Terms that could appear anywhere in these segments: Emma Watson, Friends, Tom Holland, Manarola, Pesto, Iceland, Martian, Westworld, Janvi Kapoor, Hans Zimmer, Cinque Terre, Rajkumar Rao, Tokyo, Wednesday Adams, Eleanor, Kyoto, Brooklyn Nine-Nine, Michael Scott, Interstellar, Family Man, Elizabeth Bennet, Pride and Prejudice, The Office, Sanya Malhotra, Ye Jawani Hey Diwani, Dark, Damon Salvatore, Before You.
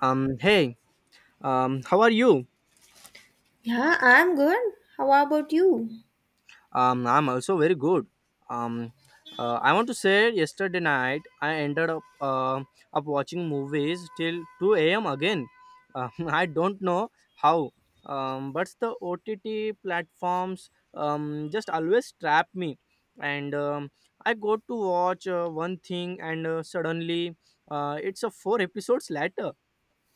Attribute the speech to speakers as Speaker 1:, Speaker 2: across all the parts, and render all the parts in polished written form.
Speaker 1: Hey, how are you?
Speaker 2: Yeah, I'm good. How about you?
Speaker 1: I'm also very good. Um, I want to say yesterday night I ended up watching movies till 2 a.m. again. I don't know how, but the OTT platforms just always trap me, and I go to watch one thing and suddenly it's a four episodes later.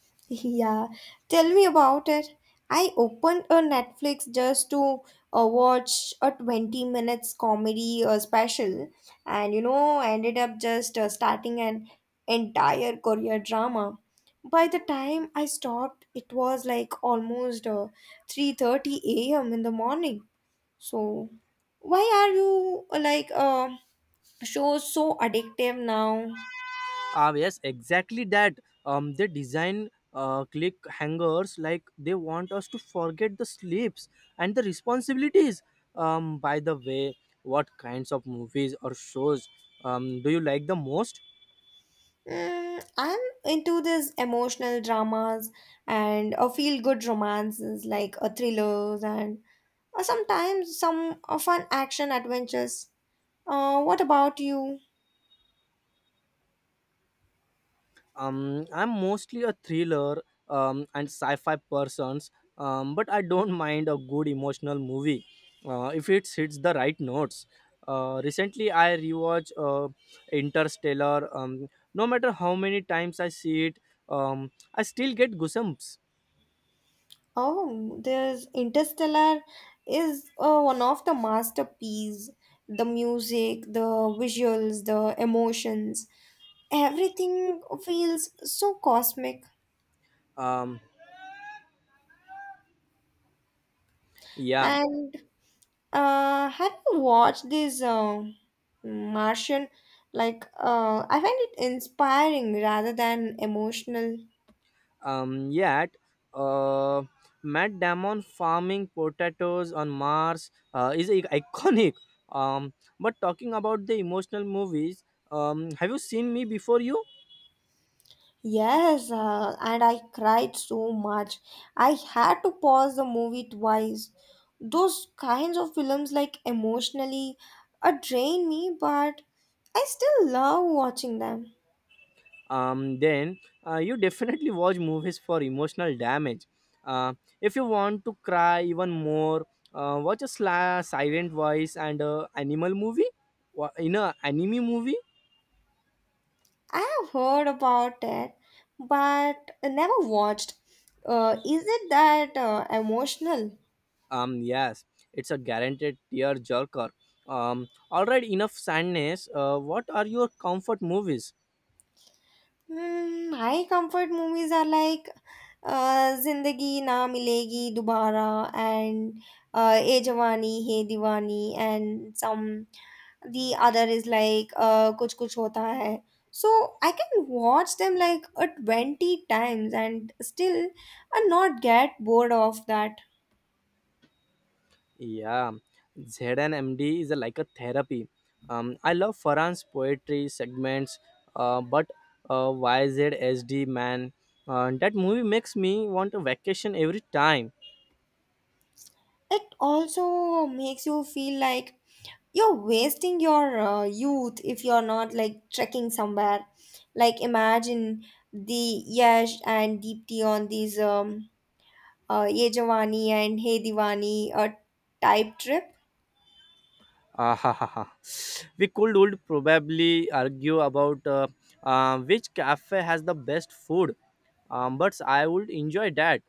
Speaker 2: Yeah, tell me about it. I opened a Netflix just to watch a 20 minutes comedy special and you know, I ended up just starting an entire Korea drama. By the time I stopped, it was like almost 3:30 a.m. in the morning. So, why are you shows so addictive now?
Speaker 1: Ah, yes, exactly that. They design click hangers like they want us to forget the sleeps and the responsibilities. By the way, what kinds of movies or shows do you like the most?
Speaker 2: Mm, I'm into these emotional dramas and a feel-good romances like a thrillers and sometimes some fun action adventures. What about you?
Speaker 1: I'm mostly a thriller and sci-fi persons. But I don't mind a good emotional movie if it hits the right notes. Recently I rewatched interstellar. No matter how many times I see it, I still get goosebumps.
Speaker 2: Oh, there's Interstellar is one of the masterpiece. The music, the visuals, the emotions, everything feels so cosmic.
Speaker 1: um, yeah.
Speaker 2: And have you watched this Martian? I find it inspiring rather than emotional.
Speaker 1: Yet, uh, Matt Damon farming potatoes on Mars is iconic. Um, but talking about the emotional movies, have you seen me before you?
Speaker 2: Yes, and I cried so much. I had to pause the movie twice. Those kinds of films, like emotionally, drain me, but I still love watching them.
Speaker 1: Then you definitely watch movies for emotional damage. Uh, if you want to cry even more, watch a silent voice and a animal movie, in a anime movie.
Speaker 2: I have heard about it, but never watched. Is it that emotional?
Speaker 1: Yes, it's a guaranteed tear jerker. All right, enough sadness. What are your comfort movies?
Speaker 2: Hmm, my comfort movies are like Zindagi Na Milegi Dubara and Ye Jawani Hey Diwani and some the other is like Kuch Kuch Hota Hai. So I can watch them like 20 times and still not get bored of that.
Speaker 1: Yeah, MD is a, like a therapy. I love Farhan's poetry segments, but YZSD man, that movie makes me want a vacation every time.
Speaker 2: It also makes you feel like you're wasting your youth if you're not like trekking somewhere like imagine the yash and deepti on these ye Jawani and hey diwani type trip.
Speaker 1: Ah, ha, ha, ha. We could would probably argue about which cafe has the best food, but I would enjoy that.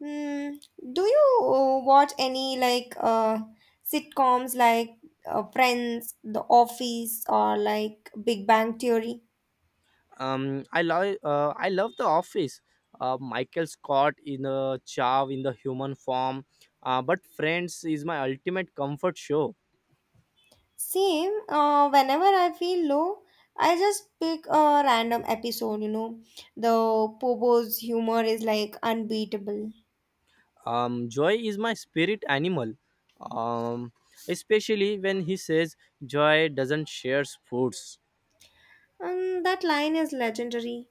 Speaker 2: Hmm. Do you watch any like sitcoms like friends the office or like big bang theory?
Speaker 1: I love The Office. Michael Scott in a Chav in the human form, but Friends is my ultimate comfort show.
Speaker 2: Same, whenever I feel low, I just pick a random episode, The Pobo's humor is like unbeatable.
Speaker 1: Joy is my spirit animal, um, especially when he says joy doesn't share foods.
Speaker 2: And that line is legendary.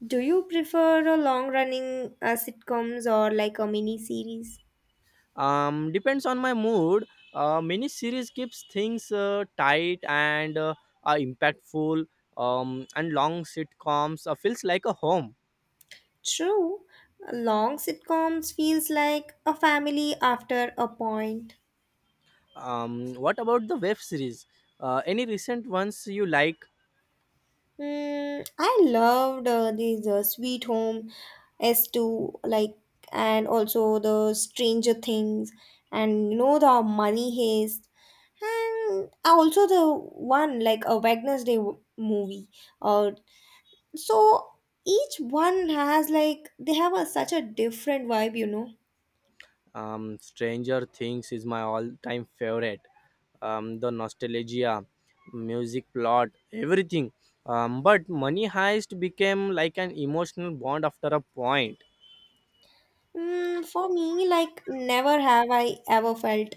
Speaker 2: Do you prefer a long running sitcoms or like a mini series?
Speaker 1: Depends on my mood. Miniseries keeps things tight and are impactful. And long sitcoms feels like a home.
Speaker 2: True, long sitcoms feels like a family after a point.
Speaker 1: What about the web series? Any recent ones you like?
Speaker 2: Mm, I loved these Sweet Home S2 like and also the Stranger Things and you know the Money Heist and also the one like a movie. Uh, so each one has like they have a, such a different vibe,
Speaker 1: Stranger Things is my all-time favorite. The nostalgia, music, plot, everything. But Money Heist became like an emotional bond after a point.
Speaker 2: Mm, for me, like, never have I ever felt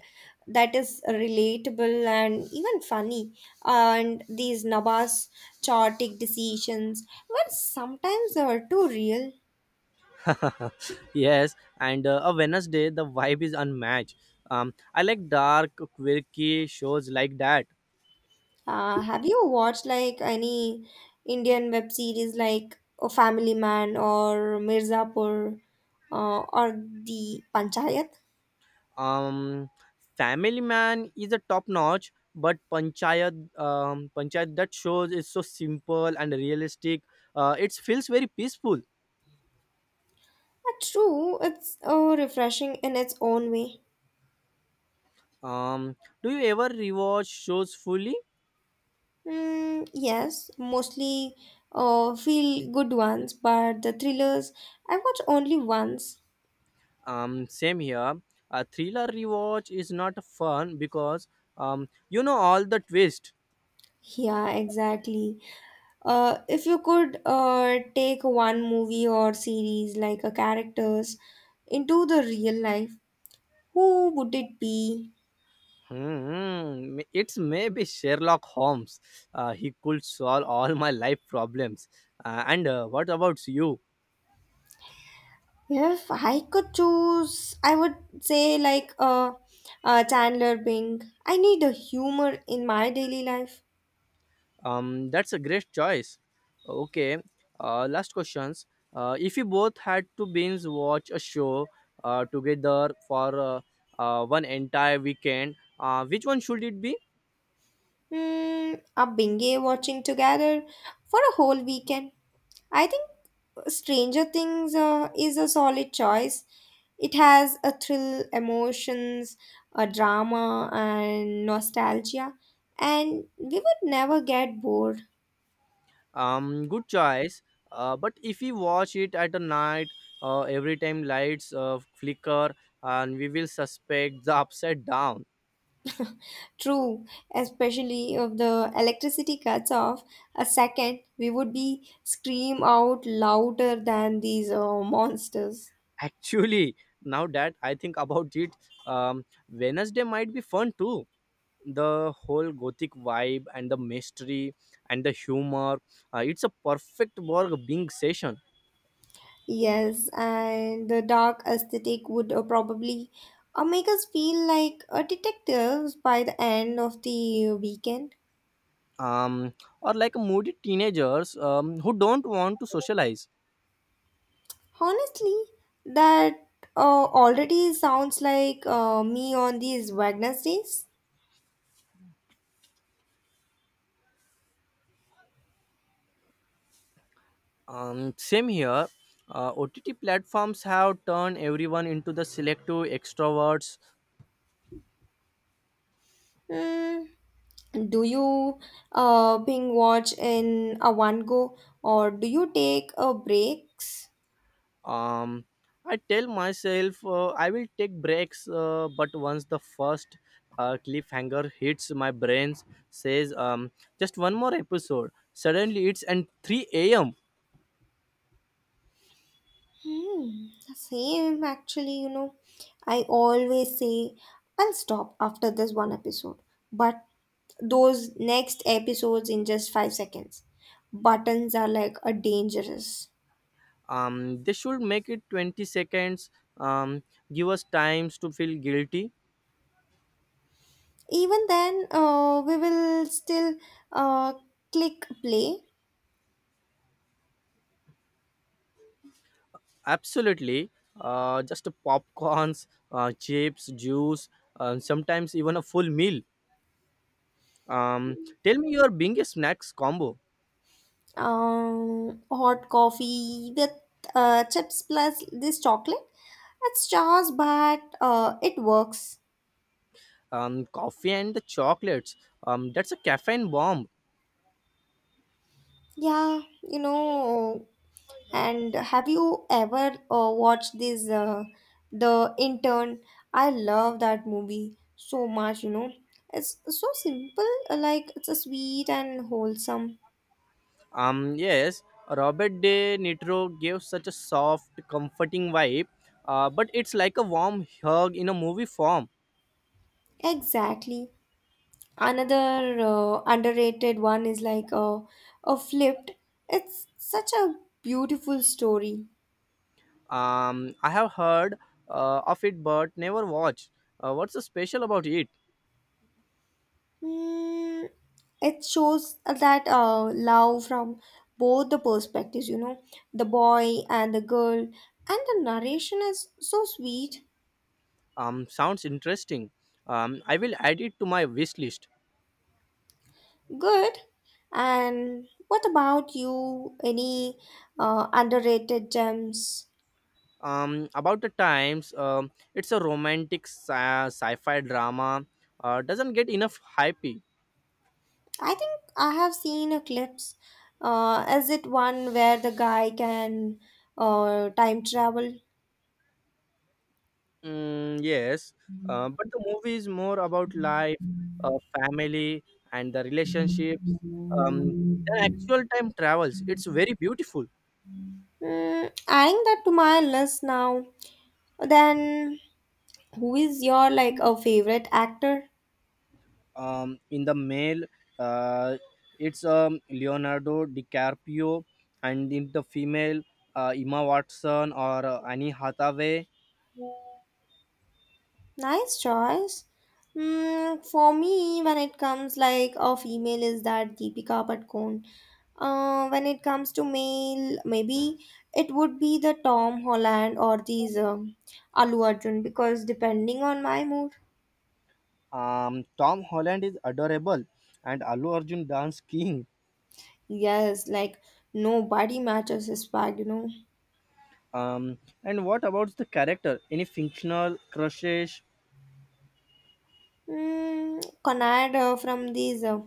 Speaker 2: that is relatable and even funny. And these Nabas chaotic decisions were sometimes too real.
Speaker 1: yes, and a Wednesday, the vibe is unmatched. I like dark, quirky shows like that.
Speaker 2: Have you watched like any Indian web series like A Family Man or Mirzapur or The Panchayat?
Speaker 1: Um, Family Man is a top notch, but Panchayat that shows is so simple and realistic. It feels very peaceful.
Speaker 2: True, it's refreshing in its own way.
Speaker 1: Um, do you ever rewatch shows fully?
Speaker 2: Mm, yes, mostly feel good ones, but the thrillers I watch only once.
Speaker 1: Same here. A thriller rewatch is not fun because you know all the twist.
Speaker 2: Yeah, exactly. If you could take one movie or series like a characters into the real life, who would it be?
Speaker 1: Hmm, it's maybe Sherlock Holmes. He could solve all my life problems. And what about you?
Speaker 2: If I could choose, I would say like Chandler Bing. I need a humor in my daily life.
Speaker 1: That's a great choice. Okay, last questions. If you both had to binge watch a show together for one entire weekend, which one should it be?
Speaker 2: Hmm, a binge watching together for a whole weekend. I think Stranger Things is a solid choice. It has a thrill, emotions, a drama, and nostalgia, and we would never get bored.
Speaker 1: Good choice. But if we watch it at a night, every time lights flicker, and we will suspect the upside down.
Speaker 2: True, especially if the electricity cuts off a second, we would be scream out louder than these monsters.
Speaker 1: Actually, now that I think about it, um, Wednesday might be fun too, the whole gothic vibe and the mystery and the humor. It's a perfect work being session.
Speaker 2: Yes, and the dark aesthetic would probably make us feel like detectives by the end of the weekend.
Speaker 1: um, or like moody teenagers who don't want to socialize.
Speaker 2: Honestly, that already sounds like me on these Wednesdays.
Speaker 1: Same here. OTT platforms have turned everyone into the selective extroverts.
Speaker 2: Mm. Do you binge watch in a one go or do you take breaks?
Speaker 1: um I tell myself I will take breaks but once the first cliffhanger hits my brain says just one more episode, suddenly it's and 3 a.m.
Speaker 2: Hmm, same actually, I always say I'll stop after this one episode, but those next episodes in just 5 seconds. Buttons are like a dangerous.
Speaker 1: They should make it 20 seconds. um give us times to feel guilty.
Speaker 2: Even then, we will still uh, click play.
Speaker 1: Absolutely. Just a popcorns, chips juice, sometimes even a full meal. um tell me your biggest snacks combo.
Speaker 2: Hot coffee with chips plus this chocolate. It's just, but it works.
Speaker 1: Coffee and the chocolates. That's a caffeine bomb.
Speaker 2: Yeah, and have you ever watched this The Intern? I love that movie so much, It's so simple, like it's a sweet and wholesome.
Speaker 1: Yes, Robert De Nitro gives such a soft, comforting vibe, but it's like a warm hug in a movie form.
Speaker 2: Exactly. Another underrated one is like a flipped. It's such a beautiful story.
Speaker 1: I have heard of it, but never watched. What's so special about it?
Speaker 2: Mm, it shows that love from both the perspectives, the boy and the girl. And the narration is so sweet,
Speaker 1: Sounds interesting. I will add it to my wish list.
Speaker 2: good. And what about you? Any underrated gems?
Speaker 1: About the times, it's a romantic sci-fi drama. Doesn't get enough hype.
Speaker 2: I think I have seen a clips. Is it one where the guy can time travel?
Speaker 1: Mm, yes, but the movie is more about life, family, and the relationships than actual time travels. It's very beautiful.
Speaker 2: Mm, adding that to my list now. Then who is your like a favorite actor?
Speaker 1: In the male, uh, it's Leonardo DiCaprio, and in the female, Emma Watson or Annie Hathaway.
Speaker 2: Nice choice. Mm, for me, when it comes like a female, is that Deepika Padukone. When it comes to male, maybe it would be the Tom Holland or these Alu Arjun because depending on my mood,
Speaker 1: Tom Holland is adorable, and Allu Arjun dance king.
Speaker 2: yes, like nobody matches his bag,
Speaker 1: And what about the character? Any fictional crushes?
Speaker 2: Mm, Conrad from these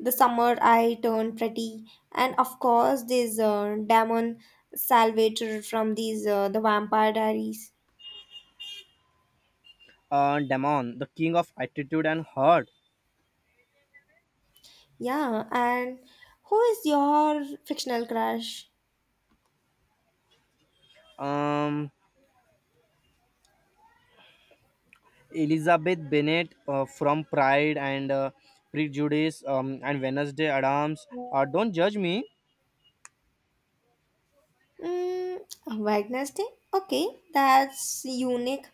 Speaker 2: the summer I turned pretty, and of course this Damon Salvatore from these the Vampire Diaries.
Speaker 1: Damon, the king of attitude and heart.
Speaker 2: Yeah, and who is your fictional crush?
Speaker 1: Um, Elizabeth Bennet from Pride and Prejudice, and Wednesday Adams. Don't judge me.
Speaker 2: Mm, Wednesday. Okay, that's unique.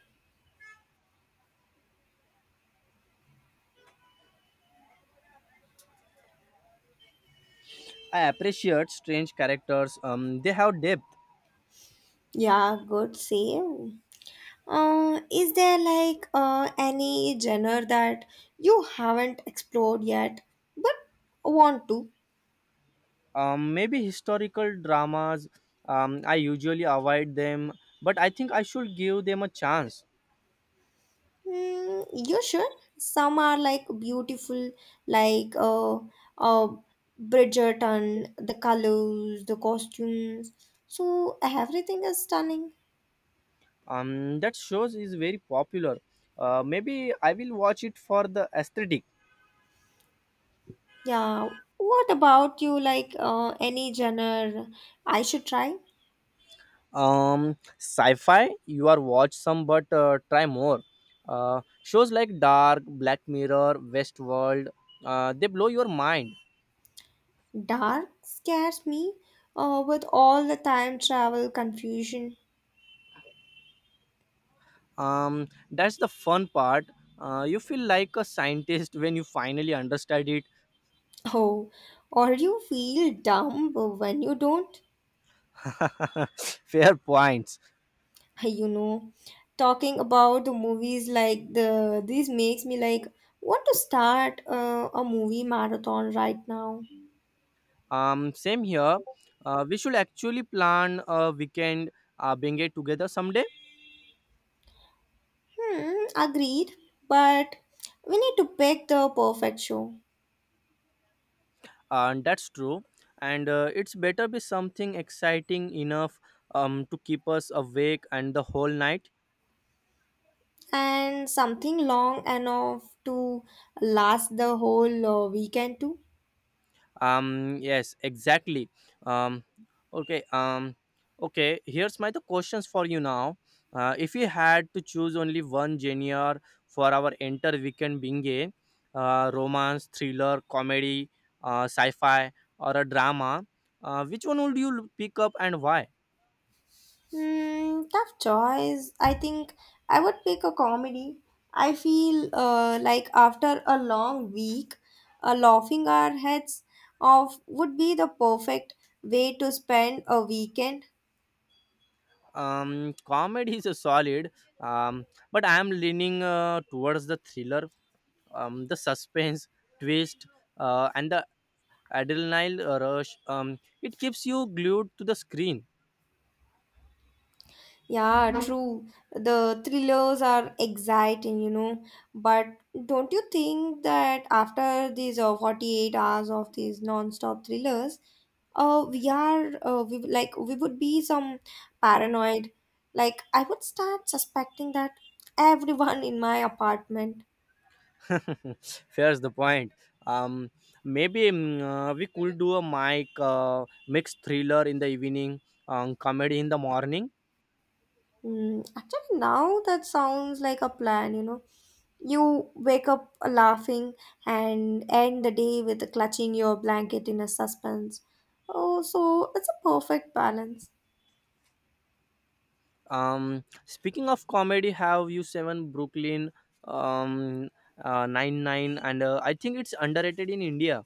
Speaker 1: I appreciate strange characters. They have depth.
Speaker 2: Yeah, good save. Is there like any genre that you haven't explored yet but want to?
Speaker 1: Maybe historical dramas. I usually avoid them, but I think I should give them a chance.
Speaker 2: Mm, you sure? Some are like beautiful, like uh, Bridgerton, the colors, the costumes. So everything is stunning.
Speaker 1: That shows is very popular. Maybe I will watch it for the aesthetic.
Speaker 2: Yeah. What about you? Like any genre I should try?
Speaker 1: Sci-fi you are watch some but try more shows like Dark, Black Mirror, Westworld. They blow your mind.
Speaker 2: Dark scares me with all the time travel confusion.
Speaker 1: That's the fun part. You feel like a scientist when you finally understand it.
Speaker 2: Oh, or you feel dumb when you don't?
Speaker 1: fair points.
Speaker 2: You know, talking about the movies like the this makes me like want to start a movie marathon right now.
Speaker 1: Same here. We should actually plan a weekend being it together someday.
Speaker 2: Hmm, agreed, but we need to pick the perfect show,
Speaker 1: And that's true, and it's better be something exciting enough to keep us awake and the whole night.
Speaker 2: and something long enough to last the whole weekend too.
Speaker 1: Yes, exactly. um okay. Okay, here's my the questions for you now. If you had to choose only one genre for our entire weekend being a romance, thriller, comedy, sci-fi, or a drama, which one would you pick up and why?
Speaker 2: Hmm, tough choice. I think I would pick a comedy. I feel like after a long week, laughing our heads off would be the perfect way to spend a weekend.
Speaker 1: Comedy is a solid, but I am leaning towards the thriller, the suspense, twist, and the adrenaline rush. It keeps you glued to the screen.
Speaker 2: Yeah, true. The thrillers are exciting, But don't you think that after these 48 hours of these non-stop thrillers, we are we would- like we would be some paranoid. Like I would start suspecting that everyone in my apartment.
Speaker 1: Fair's the point. Um, maybe we could do a mic mixed thriller in the evening, comedy in the morning.
Speaker 2: Hmm, actually, now that sounds like a plan, you know. You wake up laughing and end the day with clutching your blanket in a suspense. Oh, so it's a perfect balance.
Speaker 1: Speaking of comedy, have you seven Brooklyn um, Nine Nine? And I think it's underrated in India.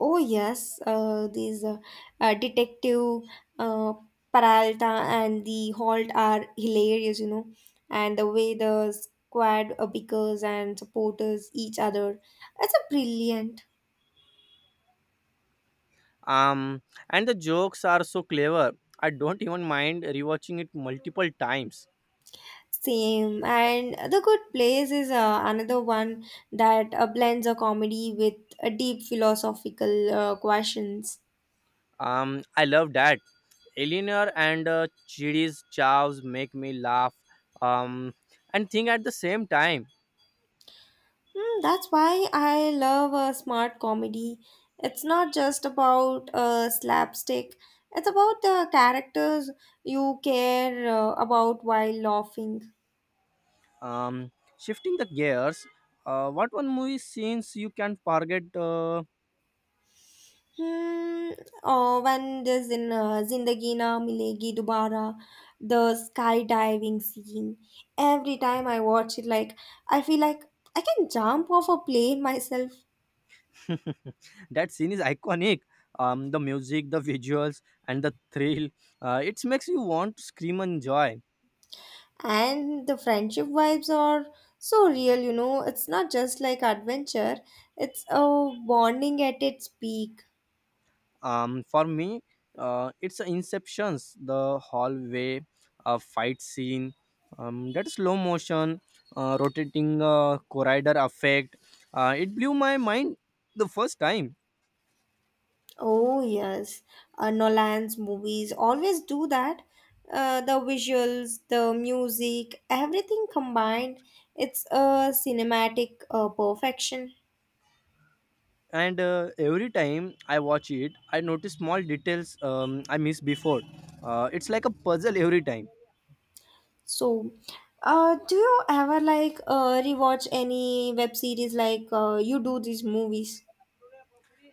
Speaker 2: Oh, yes, these Detective uh, Peralta and the Holt are hilarious, and the way the squad bickers and supporters each other. It's a brilliant.
Speaker 1: Um, and the jokes are so clever. I don't even mind rewatching it multiple times.
Speaker 2: Same. And The Good Place is another one that blends a comedy with a deep philosophical questions.
Speaker 1: I love that. Eleanor and Chidi's chows make me laugh. Um, and think at the same time.
Speaker 2: Mm, that's why I love a smart comedy. It's not just about a slapstick, it's about the characters you care about while laughing.
Speaker 1: Um, shifting the gears. What one movie scenes you can forget?
Speaker 2: Hmm, oh, when there's in Zindagi Na Milegi Dubara, the skydiving scene. Every time I watch it, I feel like I can jump off a plane myself.
Speaker 1: That scene is iconic. The music, the visuals, and the thrill. It makes you want to scream and joy.
Speaker 2: And the friendship vibes are so real, It's not just like adventure; it's a bonding at its peak.
Speaker 1: For me, it's the Inceptions, the hallway, fight scene, that slow motion, rotating corridor effect. It blew my mind the first time.
Speaker 2: Oh yes, Nolan's movies always do that. The visuals, the music, everything combined, it's a cinematic perfection.
Speaker 1: And every time I watch it, I notice small details I missed before. It's like a puzzle every time.
Speaker 2: So, do you ever like rewatch any web series like you do these movies?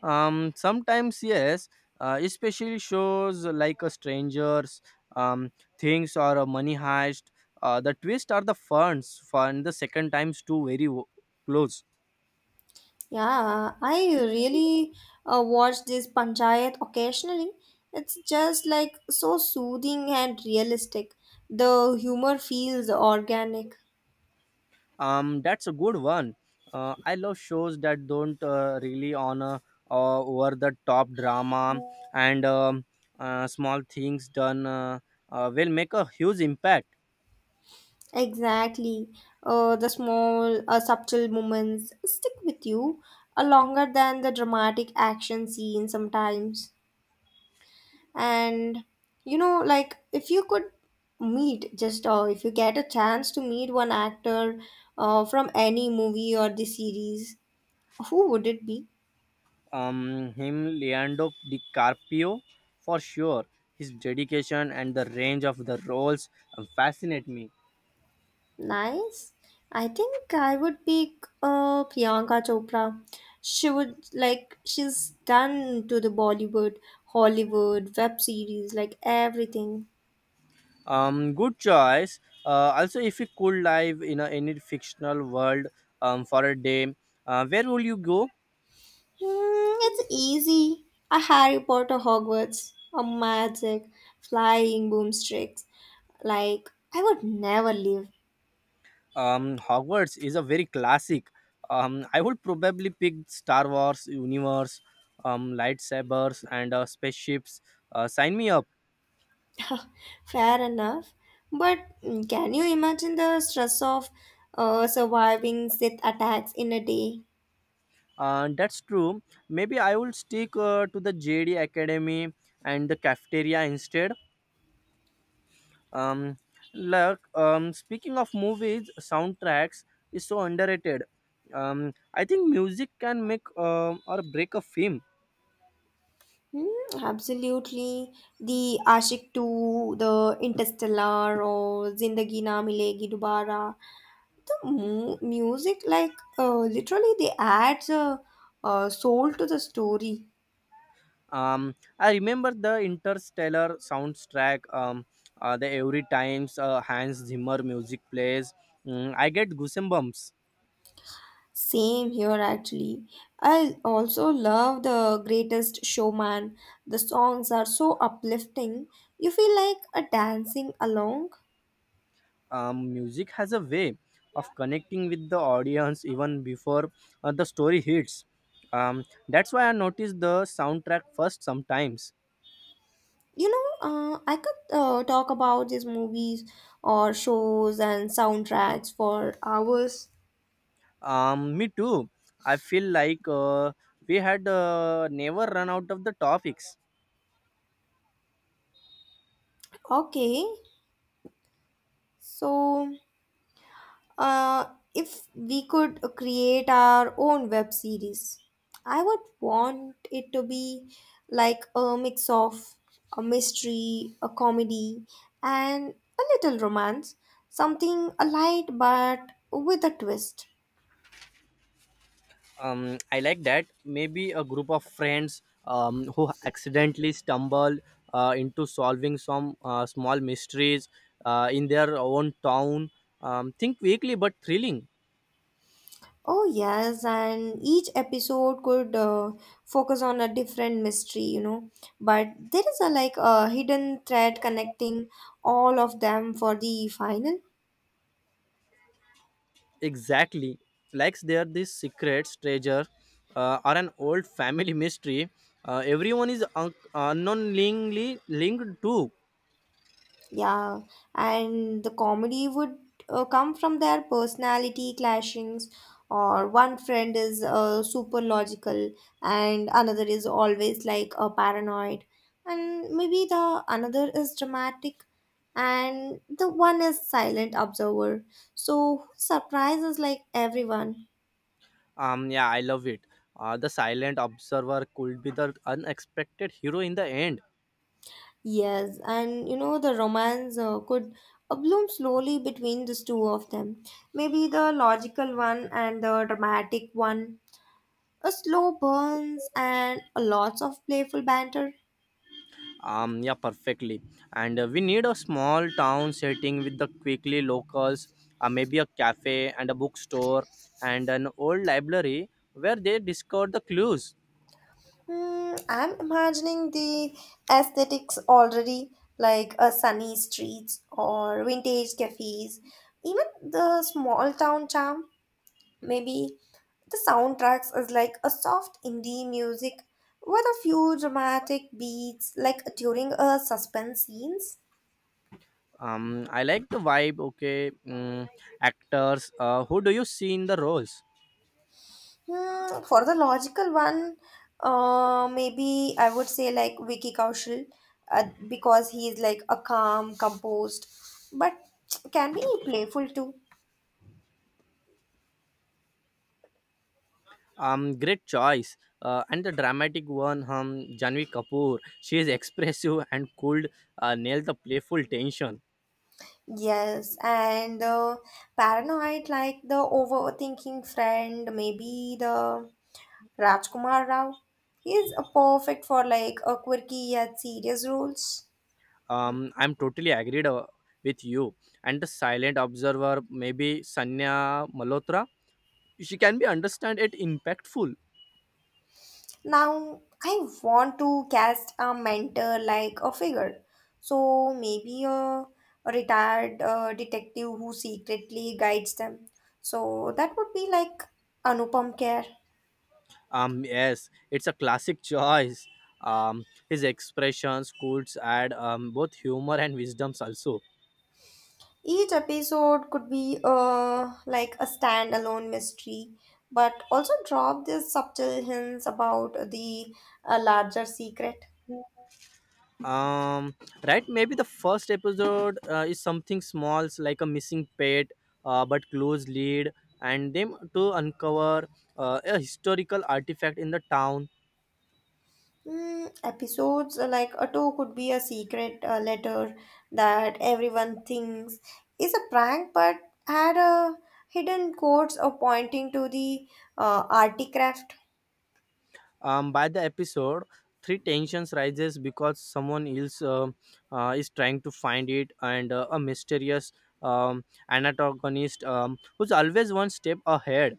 Speaker 1: Sometimes yes, especially shows like a strangers, um, things or a Money Heist. The twist are the funds fun. The second times too very close.
Speaker 2: Yeah, I really watch this Panchayat occasionally. It's just like so soothing and realistic. The humor feels organic.
Speaker 1: That's a good one. I love shows that don't really honor over the top drama and small things done will make a huge impact.
Speaker 2: Exactly. The small, subtle moments stick with you longer than the dramatic action scene sometimes. And you know, like if you could meet just if you get a chance to meet one actor from any movie or the series, who would it be?
Speaker 1: Him Leandro DiCarpio for sure. His dedication and the range of the roles fascinate me.
Speaker 2: Nice. I think I would pick Priyanka Chopra. She would like she's done to the Bollywood, Hollywood, web series, like everything.
Speaker 1: Good choice. Also, if you could live in a, any fictional world for a day, where would you go?
Speaker 2: Hmm, it's easy. A Harry Potter Hogwarts, a magic, flying boomsticks. Like I would never leave.
Speaker 1: Hogwarts is a very classic. I would probably pick Star Wars universe, lightsabers, and spaceships. Sign me up.
Speaker 2: Fair enough. But mm, can you imagine the stress of surviving Sith attacks in a day?
Speaker 1: That's true. Maybe I will stick to the JD Academy and the cafeteria instead. Um, look, speaking of movies, soundtracks is so underrated. I think music can make or break a film.
Speaker 2: Hmm, absolutely. The Ashik 2, the Interstellar, or Zindagi Na Milegi Dubara. Music, like, literally, they adds a soul to the story.
Speaker 1: I remember the Interstellar soundtrack. The every times Hans Zimmer music plays, I get goosebumps.
Speaker 2: Same here, actually. I also love The Greatest Showman. The songs are so uplifting. You feel like a dancing along.
Speaker 1: Music has a way of connecting with the audience even before the story hits. That's why I notice the soundtrack first sometimes.
Speaker 2: You know, I could talk about these movies or shows and soundtracks for hours.
Speaker 1: Me too. I feel like we had never run out of the topics.
Speaker 2: Okay, so uh, if we could create our own web series, I would want it to be like a mix of a mystery, a comedy, and a little romance. Something light but with a twist.
Speaker 1: I like that. Maybe a group of friends who accidentally stumble into solving some small mysteries in their own town. Think weekly but thrilling.
Speaker 2: Oh, yes, and each episode could focus on a different mystery, But there is a like a hidden thread connecting all of them for the final.
Speaker 1: Exactly. Like they're this secret treasure or an old family mystery. Everyone is unknowingly linked to.
Speaker 2: Yeah, and the comedy would come from their personality clashings, or one friend is super logical and another is always like a paranoid, and maybe the another is dramatic and the one is silent observer. So surprises like everyone.
Speaker 1: Yeah, I love it. The silent observer could be the unexpected hero in the end.
Speaker 2: Yes, and you know the romance could bloom slowly between these two of them. Maybe the logical one and the dramatic one. A slow burns and lots of playful banter.
Speaker 1: Yeah, perfectly. And we need a small town setting with the quickly locals, maybe a cafe and a bookstore and an old library where they discover the clues.
Speaker 2: Hmm, I'm imagining the aesthetics already, like sunny streets or vintage cafes, even the small town charm. Maybe the soundtracks is like a soft indie music with a few dramatic beats, like during a suspense scenes.
Speaker 1: I like the vibe. Okay, actors. Who do you see in the roles?
Speaker 2: Hmm, for the logical one, maybe I would say like Vicky Kaushal, because he is like a calm, composed, but can be playful too.
Speaker 1: Great choice. And the dramatic one, Janvi Kapoor. She is expressive and could nail the playful tension.
Speaker 2: Yes, and the paranoid, like the overthinking friend, maybe the Rajkumar Rao. He is a perfect for like a quirky yet serious roles.
Speaker 1: I'm totally agreed with you. And the silent observer, maybe Sanya Malhotra. She can be understand it impactful.
Speaker 2: Now, I want to cast a mentor like a figure. So, maybe a retired detective who secretly guides them. So, that would be like Anupam Kher.
Speaker 1: Yes, it's a classic choice. His expressions could add both humor and wisdoms also.
Speaker 2: Each episode could be like a standalone mystery, but also drop these subtle hints about the larger secret.
Speaker 1: um, right, maybe the first episode is something like a missing pet, but close lead and them to uncover a historical artifact in the town.
Speaker 2: Mm, episodes like Otto could be a secret letter that everyone thinks is a prank, but had a hidden codes or pointing to the articraft.
Speaker 1: Um, by the episode three, tensions rises because someone else is trying to find it, and a mysterious um, antagonist who's always one step ahead.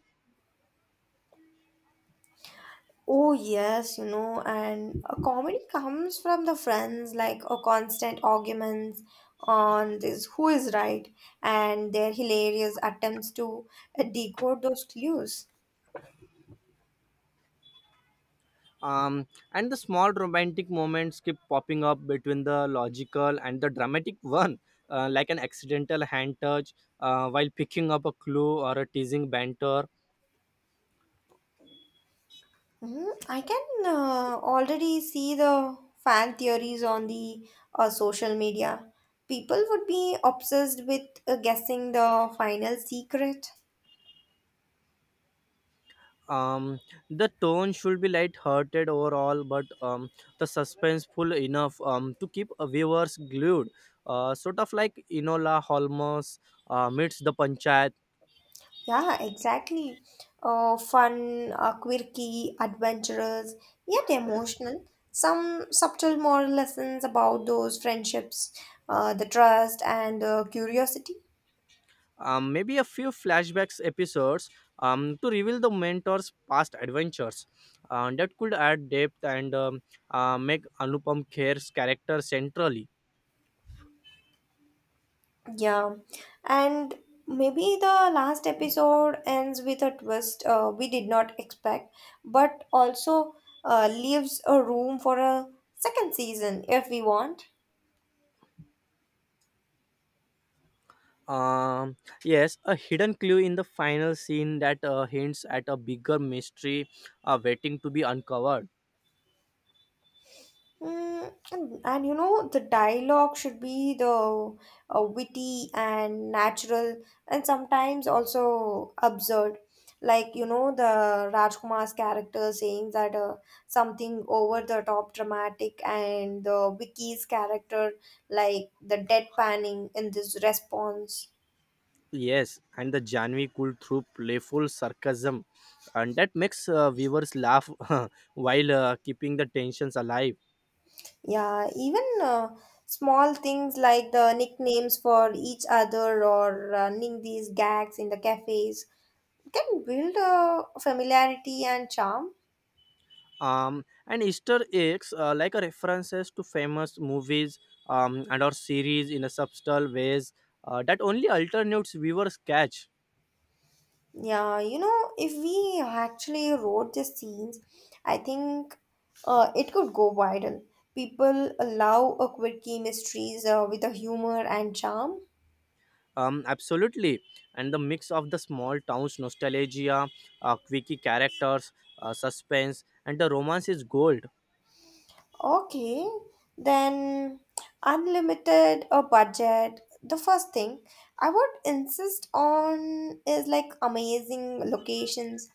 Speaker 2: Oh yes, you know, and a comedy comes from the friends, like a constant arguments on this who is right, and their hilarious attempts to decode those clues.
Speaker 1: Um, and the small romantic moments keep popping up between the logical and the dramatic one, like an accidental hand touch while picking up a clue, or a teasing banter.
Speaker 2: Mhm. I can already see the fan theories on the social media. People would be obsessed with guessing the final secret.
Speaker 1: Um, the tone should be light-hearted overall, but the suspenseful enough to keep a viewers glued, sort of like Enola Holmes meets the Panchayat.
Speaker 2: Yeah, exactly. Fun, quirky, adventurous, yet emotional. Some subtle moral lessons about those friendships, the trust, and curiosity.
Speaker 1: Um, maybe a few flashbacks episodes to reveal the mentor's past adventures. That could add depth, and make Anupam Kher's character centrally.
Speaker 2: Yeah, and maybe the last episode ends with a twist we did not expect, but also leaves a room for a second season if we want.
Speaker 1: Um, yes, a hidden clue in the final scene that hints at a bigger mystery waiting to be uncovered.
Speaker 2: Mm, and you know, the dialogue should be the witty and natural, and sometimes also absurd. Like, you know, the Rajkumar's character saying that something over the top dramatic, and the Vicky's character, like the deadpanning in this response.
Speaker 1: Yes, and the Janvi could through playful sarcasm, and that makes viewers laugh while keeping the tensions alive.
Speaker 2: Yeah, even small things like the nicknames for each other or running these gags in the cafes can build a familiarity and charm.
Speaker 1: And Easter eggs, like a references to famous movies, and or series in a subtle ways that only alternates viewers catch.
Speaker 2: Yeah, you know, if we actually wrote the scenes, I think it could go viral. People love a quirky mysteries with a humor and charm.
Speaker 1: Absolutely, and the mix of the small town's nostalgia, quirky characters, suspense, and the romance is gold.
Speaker 2: Okay, then unlimited or budget. The first thing I would insist on is like amazing locations.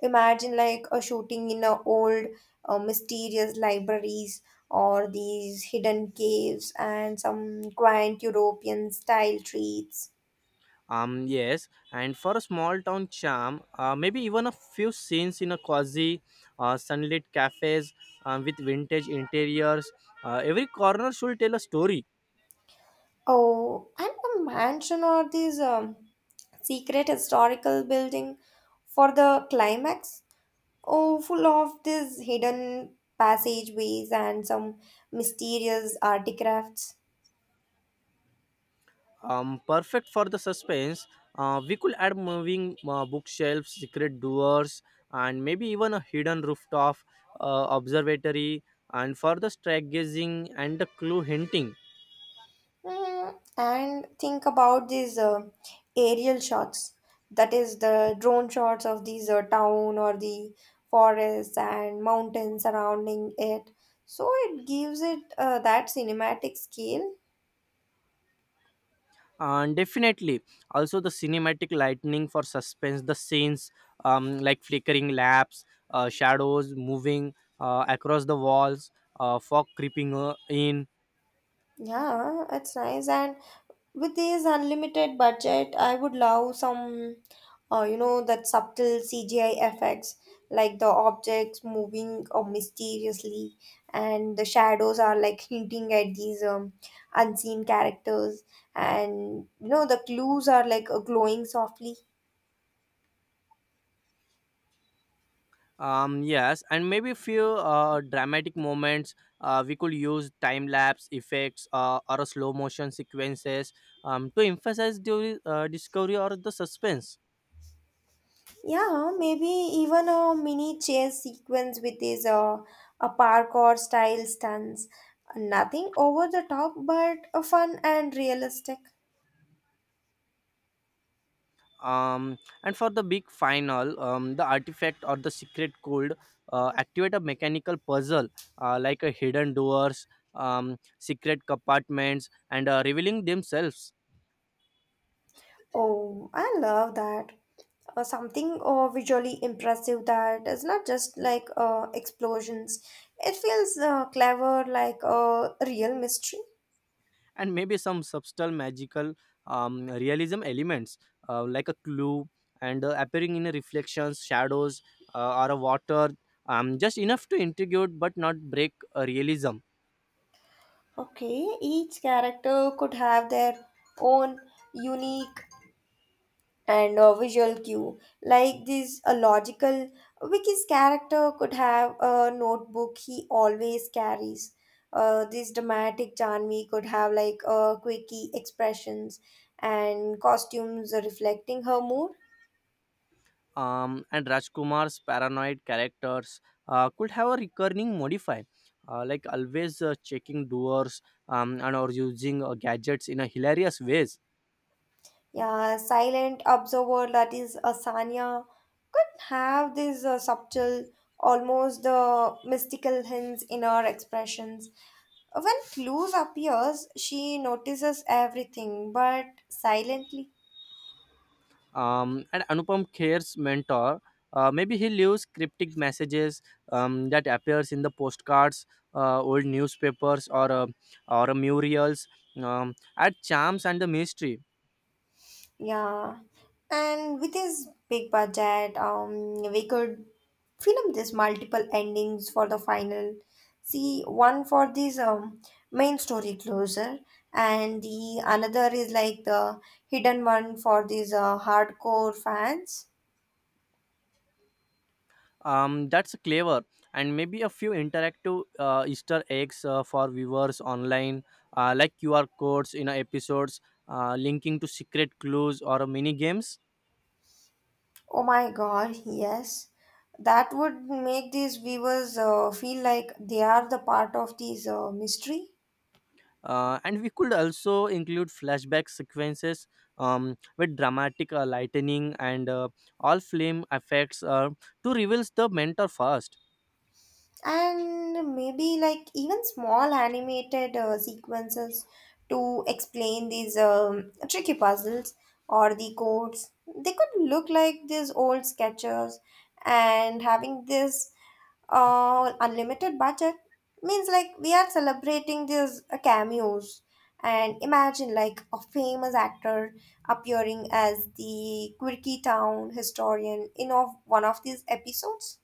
Speaker 2: Imagine like a shooting in a old mysterious libraries or these hidden caves and some quaint European style treats.
Speaker 1: Yes, and for a small town charm, maybe even a few scenes in a cozy, sunlit cafes with vintage interiors. Every corner should tell a story.
Speaker 2: Oh, and a mansion or these secret historical building for the climax. Oh, full of these hidden passageways and some mysterious artifacts.
Speaker 1: Um, perfect for the suspense. We could add moving bookshelves, secret doors, and maybe even a hidden rooftop observatory, and for the stargazing and the clue hinting.
Speaker 2: Mm, and think about these aerial shots. That is the drone shots of these town or the forests and mountains surrounding it. So it gives it that cinematic scale.
Speaker 1: And definitely, also the cinematic lightning for suspense, the scenes like flickering lamps, shadows moving across the walls, fog creeping in.
Speaker 2: Yeah, it's nice, and with this unlimited budget I would love some you know that subtle CGI effects, like the objects moving mysteriously, and the shadows are like hinting at these unseen characters, and you know the clues are like glowing softly.
Speaker 1: Yes, and maybe few dramatic moments. We could use time lapse effects or slow motion sequences to emphasize the discovery or the suspense.
Speaker 2: Yeah, maybe even a mini chase sequence with these a parkour style stunts, nothing over the top, but fun and realistic.
Speaker 1: Um, and for the big final, the artifact or the secret could activate a mechanical puzzle, like a hidden doors, secret compartments, and revealing themselves.
Speaker 2: Oh, I love that. Something visually impressive that is not just like explosions. It feels clever, like a real mystery.
Speaker 1: And maybe some subtle magical realism elements, like a clue and appearing in a reflections shadows, or a water, just enough to intrigate but not break realism.
Speaker 2: Okay, each character could have their own unique and a visual cue, like this a logical Vicky's character could have a notebook he always carries. This dramatic Janvi could have like quirky expressions and costumes reflecting her mood.
Speaker 1: Um, and Rajkumar's paranoid characters could have a recurring modify, like always checking doors, and or using gadgets in a hilarious ways.
Speaker 2: Yeah, silent observer, that is Asanya, could have this subtle, almost the mystical hints in her expressions. When clues appears, she notices everything, but silently.
Speaker 1: Um, and Anupam Kher's mentor. Maybe he leaves cryptic messages that appears in the postcards, old newspapers, or murals. At charms and the mystery.
Speaker 2: Yeah. And with his big budget, we could film this multiple endings for the final. See, one for this, main story closer, and the another is like the hidden one for these hardcore fans.
Speaker 1: That's clever, and maybe a few interactive Easter eggs for viewers online, like QR codes in episodes, linking to secret clues or mini games.
Speaker 2: Oh my God, yes. That would make these viewers feel like they are the part of this mystery.
Speaker 1: And we could also include flashback sequences with dramatic lightning and all flame effects to reveal the mentor first.
Speaker 2: And maybe like even small animated sequences to explain these tricky puzzles or the codes. They could look like these old sketches. And having this unlimited budget means like we are celebrating these cameos, and imagine like a famous actor appearing as the quirky town historian in of one of these episodes.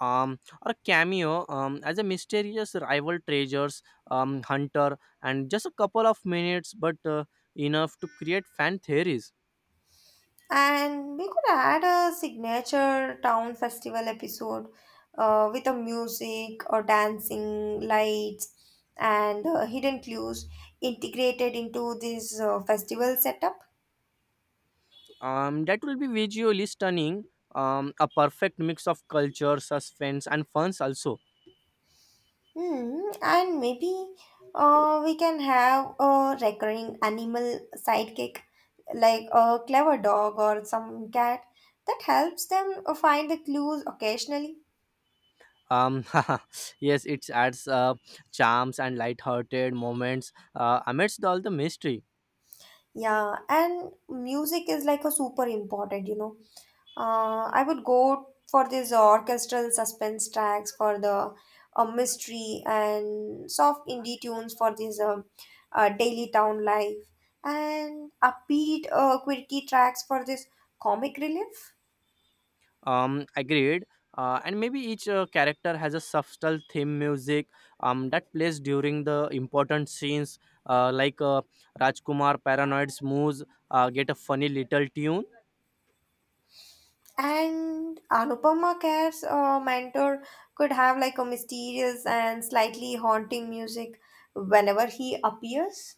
Speaker 1: Or cameo as a mysterious rival treasures hunter, and just a couple of minutes, but enough to create fan theories.
Speaker 2: And we could add a signature town festival episode with a music or dancing, lights, and hidden clues integrated into this festival setup.
Speaker 1: That will be visually stunning. A perfect mix of culture, suspense, and funs also.
Speaker 2: Hmm. And maybe we can have a recurring animal sidekick, like a clever dog or some cat that helps them find the clues occasionally.
Speaker 1: um yes, it adds charms and light-hearted moments amidst all the mystery.
Speaker 2: Yeah, and music is like a super important, you know. I would go for these orchestral suspense tracks for the mystery, and soft indie tunes for this daily town life, and upbeat quirky tracks for this comic relief.
Speaker 1: Agreed. Uh, and maybe each character has a subtle theme music that plays during the important scenes, like Rajkumar paranoid's moves get a funny little tune.
Speaker 2: And Anupama Kher's mentor could have like a mysterious and slightly haunting music whenever he appears.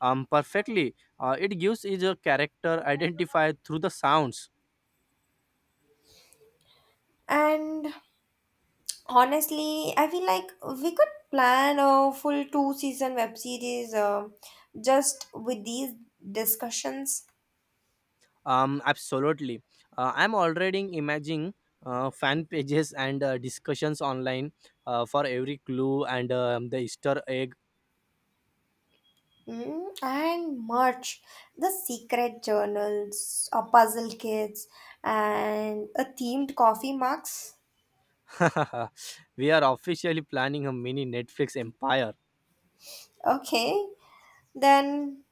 Speaker 1: Perfectly, it gives each character identify through the sounds.
Speaker 2: And honestly, I feel like we could plan a full two season web series just with these discussions.
Speaker 1: Absolutely. I'm already imagining fan pages and discussions online for every clue, and the Easter egg.
Speaker 2: Mm, and merch, the secret journals, a puzzle kits, and a themed coffee mugs.
Speaker 1: We are officially planning a mini Netflix empire.
Speaker 2: Okay, then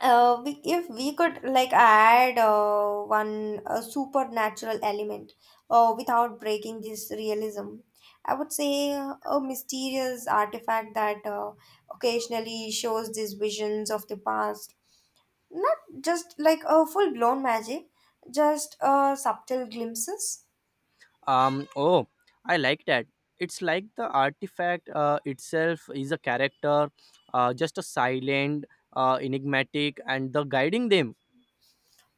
Speaker 2: if we could like add one supernatural element without breaking this realism, I would say a mysterious artifact that occasionally shows these visions of the past, not just like a full blown magic, just subtle glimpses.
Speaker 1: Oh, I like that. It's like the artifact itself is a character, just a silent, enigmatic, and the guiding them.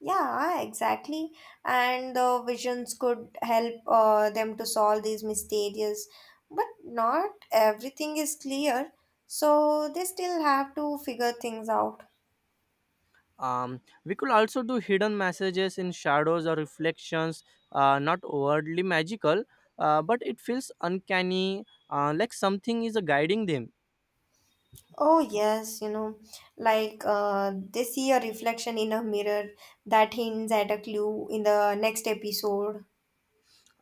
Speaker 2: Yeah, exactly. And the visions could help them to solve these mysterious, but not everything is clear, so they still have to figure things out.
Speaker 1: We could also do hidden messages in shadows or reflections, not overtly magical, but it feels uncanny, like something is guiding them.
Speaker 2: Oh, yes, you know, like they see a reflection in a mirror that hints at a clue in the next episode.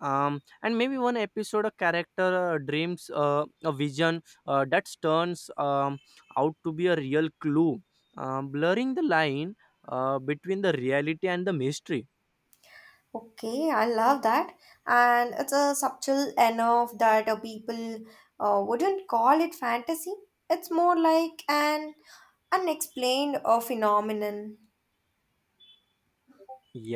Speaker 1: And maybe one episode, a character dreams a vision that turns out to be a real clue, blurring the line between the reality and the mystery.
Speaker 2: Okay, I love that. And it's a subtle enough that people wouldn't call it fantasy. It's more like an unexplained phenomenon.
Speaker 1: Yeah.